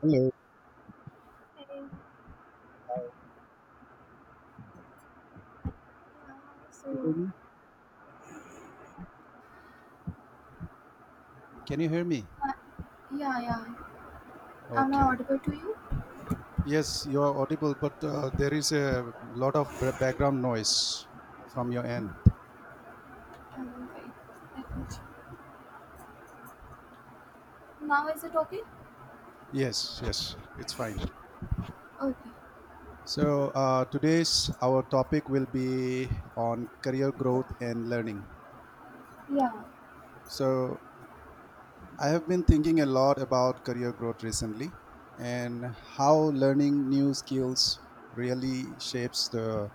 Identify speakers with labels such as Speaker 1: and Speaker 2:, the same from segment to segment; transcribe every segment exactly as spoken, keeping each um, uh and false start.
Speaker 1: Hello,
Speaker 2: Hey, yeah,
Speaker 1: can you
Speaker 2: so,
Speaker 1: hear me? Can you hear me?
Speaker 2: uh, yeah, yeah. Am I
Speaker 1: Okay.
Speaker 2: audible to you?
Speaker 1: Yes, you are audible, but uh, there is a lot of bra- background noise from your end.
Speaker 2: Um, wait, let me check. Now is it okay?
Speaker 1: Yes, yes, it's fine.
Speaker 2: Okay.
Speaker 1: So uh, today's our topic will be on career growth and learning.
Speaker 2: Yeah,
Speaker 1: So I have been thinking a lot about career growth recently, and how learning new skills really shapes the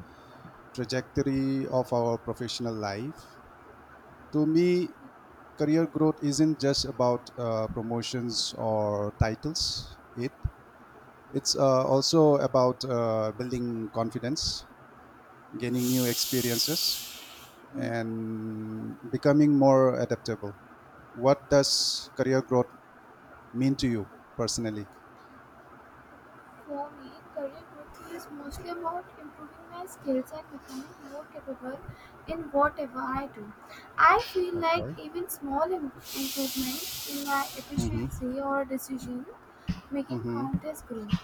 Speaker 1: trajectory of our professional life. To me, career growth isn't just about uh, promotions or titles. It it's uh, also about uh, building confidence, gaining
Speaker 2: yeah.
Speaker 1: new experiences,
Speaker 2: Mm.
Speaker 1: and becoming more adaptable. What does career growth mean to you personally?
Speaker 2: For me, career growth is mostly about improving my skills and becoming more capable in whatever I do. I feel like
Speaker 1: Okay.
Speaker 2: even small Im- improvements in my
Speaker 1: Mm-hmm.
Speaker 2: efficiency or decision making
Speaker 1: Mm-hmm.
Speaker 2: count as growth.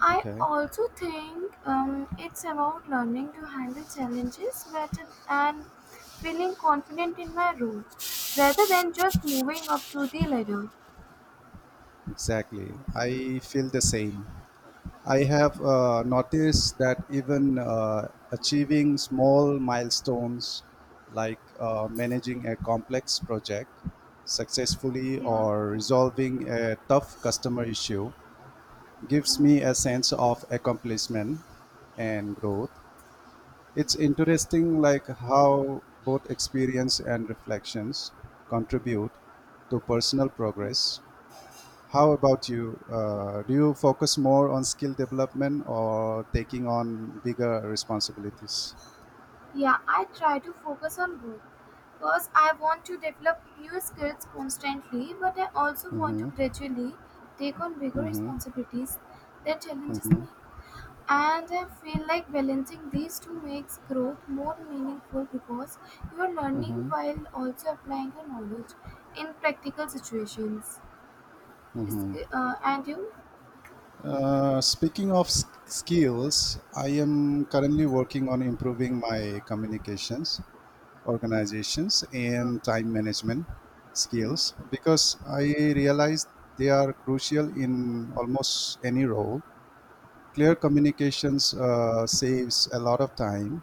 Speaker 2: I
Speaker 1: Okay,
Speaker 2: also think um, it's about learning to handle challenges better and feeling confident in my role rather than just moving up to the ladder.
Speaker 1: exactly, I feel the same. I have uh, noticed that even uh, achieving small milestones, like uh, managing a complex project successfully
Speaker 2: Yeah.
Speaker 1: or resolving a tough customer issue, gives
Speaker 2: Uh,
Speaker 1: me a sense of accomplishment and growth. It's interesting like how both experience and reflections contribute to personal progress. How about you? Uh, do you focus more on skill development or taking on bigger responsibilities?
Speaker 2: yeah, I try to focus on both because I want to develop new skills constantly, but I also want to
Speaker 1: Mm-hmm.
Speaker 2: gradually take on bigger
Speaker 1: Mm-hmm.
Speaker 2: responsibilities that challenges me.
Speaker 1: Mm-hmm.
Speaker 2: And I feel like balancing these two makes growth more meaningful because you're learning
Speaker 1: Mm-hmm.
Speaker 2: while also applying your knowledge in practical situations. Is-
Speaker 1: Mm-hmm.
Speaker 2: Uh, and you?
Speaker 1: Uh, speaking of s- skills, I am currently working on improving my communications, organizations, and
Speaker 2: Okay.
Speaker 1: time management skills, because I realized they are crucial in almost any role. Clear communications uh, saves a lot of time,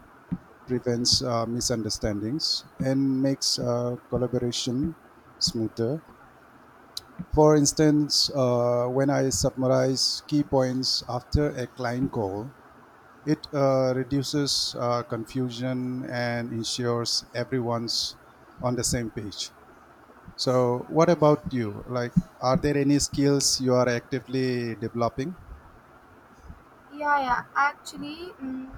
Speaker 1: prevents uh, misunderstandings, and makes uh, collaboration smoother. For instance, uh, when I summarize key points after a client call, it uh, reduces uh, confusion and ensures everyone's on the same page.
Speaker 2: Yeah.
Speaker 1: So, what about you? Like, are there any skills you are actively developing?
Speaker 2: Yeah, yeah. Actually, mm,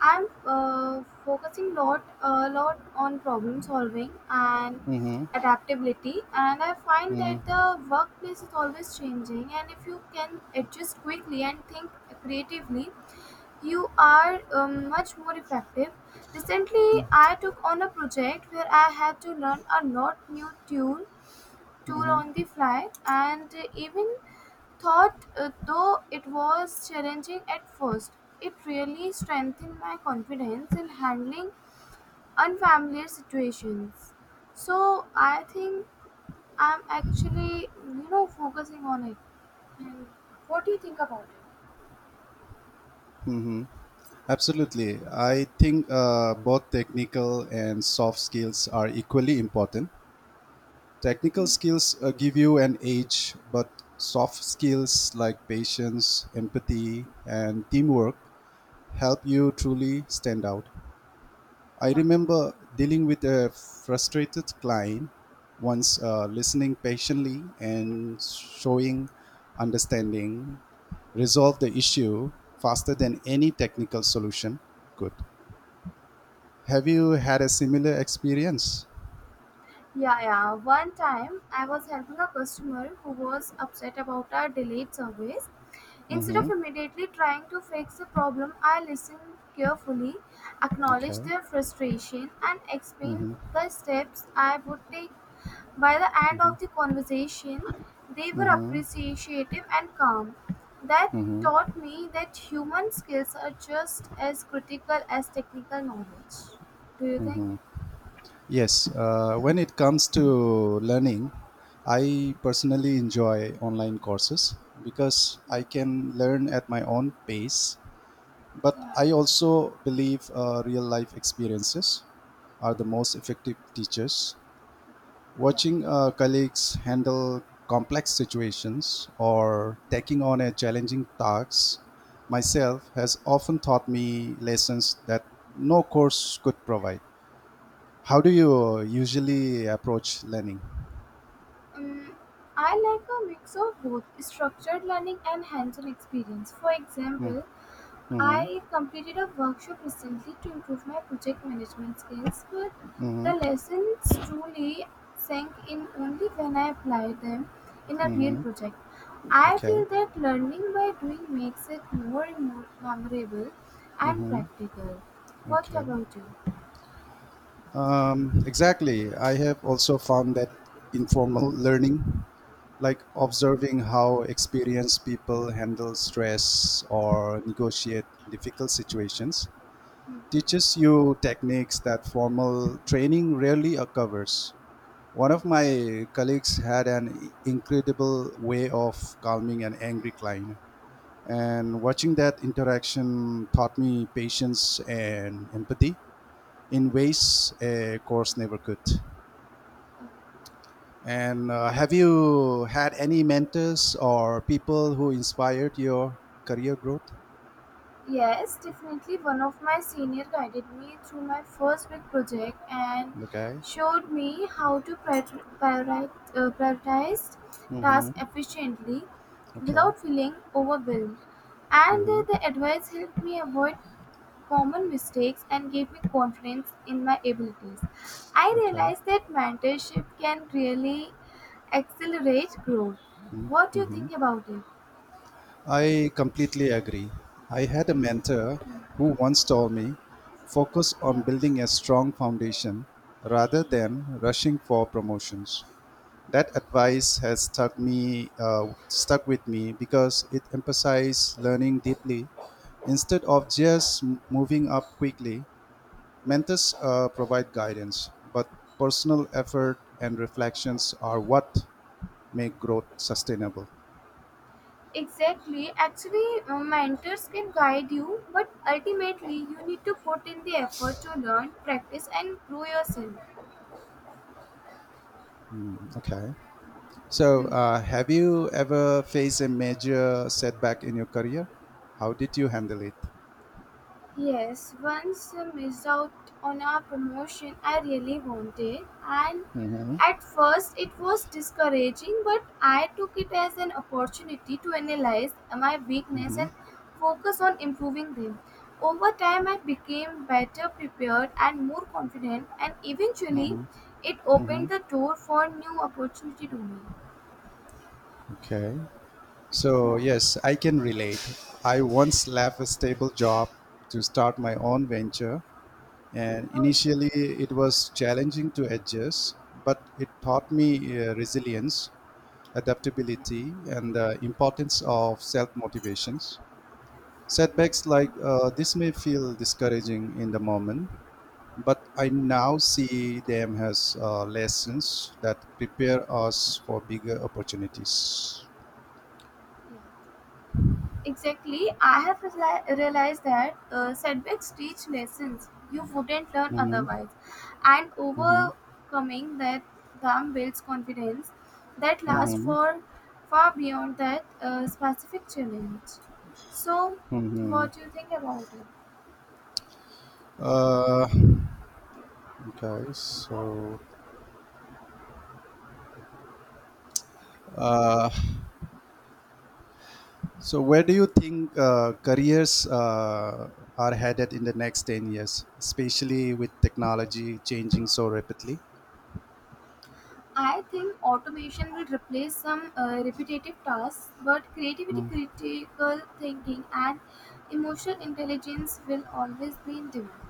Speaker 2: I'm uh, focusing lot a lot on problem solving and
Speaker 1: Mm-hmm.
Speaker 2: adaptability, and I find that
Speaker 1: Mm-hmm.
Speaker 2: the workplace is always changing. And if you can adjust quickly and think creatively, you are um, much more effective. Recently, I took on a project where I had to learn a lot new tune tool on the fly, and even thought uh, though it was challenging at first, it really strengthened my confidence in handling unfamiliar situations. So I think I'm actually, you know, focusing on it.
Speaker 1: Mm-hmm. Absolutely. I think uh, both technical and soft skills are equally important. Technical skills uh, give you an edge, but soft skills like patience, empathy, and teamwork help you truly stand out. I
Speaker 2: Yeah.
Speaker 1: remember dealing with a frustrated client once, uh, listening patiently and showing understanding resolved the issue faster than any technical solution could. Have you had a similar experience?
Speaker 2: Yeah, yeah. One time I was helping a customer who was upset about our delayed service. Instead of
Speaker 1: Mm-hmm.
Speaker 2: immediately trying to fix the problem, I listened carefully, acknowledged
Speaker 1: Okay.
Speaker 2: their frustration, and explained the steps I would take. By the end of the conversation, they were appreciative and calm. That taught me that human skills are just as critical as technical knowledge. Do you think?
Speaker 1: Yes. Uh, when it comes to learning, I personally enjoy online courses because I can learn at my own pace. But I also believe uh, real life experiences are the most effective teachers. Watching uh, colleagues handle complex situations or taking on a challenging task myself has often taught me lessons that no course could provide. How do you uh, usually approach learning?
Speaker 2: Um, I like a mix of both structured learning and hands on experience. For example,
Speaker 1: Mm-hmm.
Speaker 2: I completed a workshop recently to improve my project management skills, but the
Speaker 1: Mm-hmm.
Speaker 2: lessons truly sank in only when I applied them in a real project. I
Speaker 1: Okay.
Speaker 2: feel that learning by doing makes it more and more memorable and
Speaker 1: Mm-hmm.
Speaker 2: practical. What
Speaker 1: Okay.
Speaker 2: about you?
Speaker 1: Um, exactly. I have also found that informal learning, like observing how experienced people handle stress or negotiate difficult situations, teaches you techniques that formal training rarely covers. One of my colleagues had an incredible way of calming an angry client, and watching that interaction taught me patience and empathy in ways a course never could. And uh, have you had any mentors or people who inspired your career growth?
Speaker 2: Yes, definitely. One of my senior guided me through my first big project and
Speaker 1: Okay.
Speaker 2: showed me how to prior- priori- uh, prioritize
Speaker 1: Mm-hmm.
Speaker 2: tasks efficiently
Speaker 1: Okay.
Speaker 2: without feeling overwhelmed. And uh,
Speaker 1: Mm-hmm.
Speaker 2: the advice helped me avoid common mistakes and gave me confidence in my abilities. I
Speaker 1: Okay.
Speaker 2: realized that mentorship can really accelerate growth. What do you
Speaker 1: Mm-hmm.
Speaker 2: think about it?
Speaker 1: I completely agree. I had a mentor who once told me, focus on building a strong foundation rather than rushing for promotions. That advice has stuck me uh, stuck with me because it emphasized learning deeply instead of just m- moving up quickly. Mentors uh, provide guidance, but personal effort and reflections are what make growth sustainable.
Speaker 2: Exactly. Actually, uh, mentors can guide you, but ultimately, you need to put in the effort to learn, practice, and grow yourself.
Speaker 1: Okay, so
Speaker 2: Hmm.
Speaker 1: uh, have you ever faced a major setback in your career? How did you handle it?
Speaker 2: Yes, once I missed out on a promotion I really wanted, and
Speaker 1: Mm-hmm.
Speaker 2: at first it was discouraging, but I took it as an opportunity to analyze my weakness
Speaker 1: Mm-hmm.
Speaker 2: and focus on improving them. Over time, I became better prepared and more confident, and eventually, it
Speaker 1: Mm-hmm.
Speaker 2: opened the door for new opportunity to me.
Speaker 1: Okay. So,
Speaker 2: Yeah.
Speaker 1: yes, I can relate. I once left a stable job to start my own venture, and
Speaker 2: Oh,
Speaker 1: initially it was challenging to adjust, but it taught me uh, resilience, adaptability, and the importance of self motivations. Setbacks like uh, this may feel discouraging in the moment, but I now see them as uh, lessons that prepare us for bigger opportunities.
Speaker 2: yeah. Exactly. I have reali- realized that uh, setbacks teach lessons you wouldn't learn
Speaker 1: Mm-hmm.
Speaker 2: otherwise, and
Speaker 1: Mm-hmm.
Speaker 2: overcoming that them builds confidence that lasts
Speaker 1: Mm-hmm.
Speaker 2: for far beyond that uh, specific challenge. So,
Speaker 1: Hmm.
Speaker 2: what do you think about it?
Speaker 1: Uh, okay, so uh, so where do you think uh, careers uh, are headed in the next ten years, especially with technology changing so rapidly?
Speaker 2: I think automation will replace some uh, repetitive tasks, but creativity,
Speaker 1: Mm.
Speaker 2: critical thinking, and emotional intelligence will always be in demand.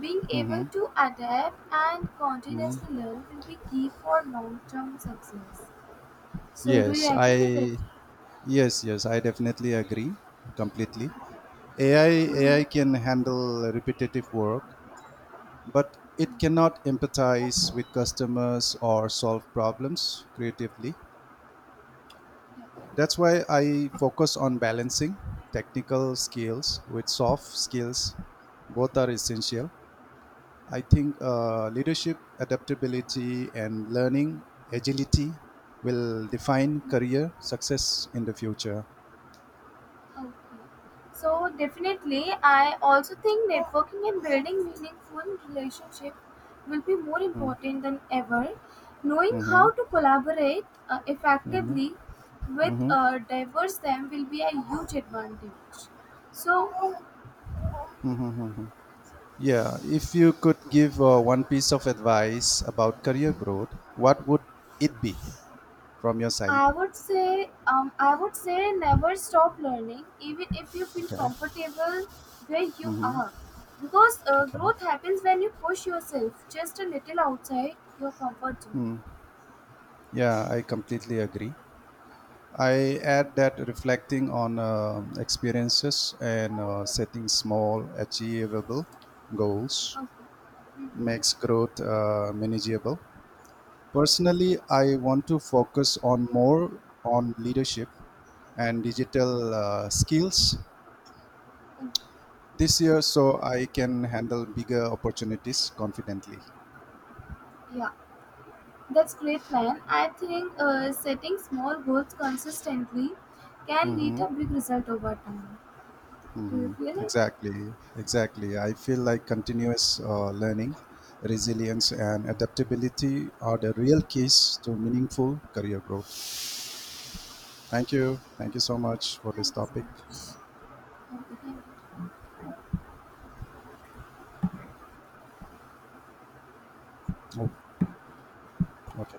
Speaker 2: Being able
Speaker 1: Mm-hmm.
Speaker 2: to adapt and
Speaker 1: Hmm.
Speaker 2: continuously learn will be key for long-term success. So, do you
Speaker 1: Yes,
Speaker 2: agree with it?
Speaker 1: I yes yes I definitely agree completely. A I AI can handle repetitive work, but it cannot empathize with customers or solve problems creatively. That's why I focus on balancing technical skills with soft skills. Both are essential. I think uh, leadership, adaptability, and learning agility will define career success in the future.
Speaker 2: So, definitely, I also think networking and building meaningful relationships will be more important than ever. Knowing how
Speaker 1: Hmm.
Speaker 2: to collaborate uh, effectively with uh, diverse them will be a huge advantage. So,
Speaker 1: Yeah, if you could give uh, one piece of advice about career growth, what would it be from your side?
Speaker 2: I would say, um, I would say, never stop learning, even if you feel
Speaker 1: Okay.
Speaker 2: comfortable where you
Speaker 1: Hmm.
Speaker 2: are, because uh,
Speaker 1: Okay.
Speaker 2: growth happens when you push yourself just a little outside your comfort zone.
Speaker 1: Yeah, I completely agree. I add that reflecting on um, experiences and uh, setting small, achievable goals
Speaker 2: Okay,
Speaker 1: makes growth uh, manageable. Personally, I want to focus on more on leadership and digital uh, skills this year, so I can handle bigger opportunities confidently.
Speaker 2: yeah, that's great plan. I think uh, setting small goals consistently can lead a
Speaker 1: Mhm.
Speaker 2: big result over time. Do you
Speaker 1: Mhm.
Speaker 2: feel it?
Speaker 1: Exactly, exactly. I feel like continuous uh, learning, resilience, and adaptability are the real keys to meaningful career growth. Thank you. Thank you so much for this
Speaker 2: Thank you so
Speaker 1: topic.
Speaker 2: much. Okay, thank you.
Speaker 1: Oh, okay.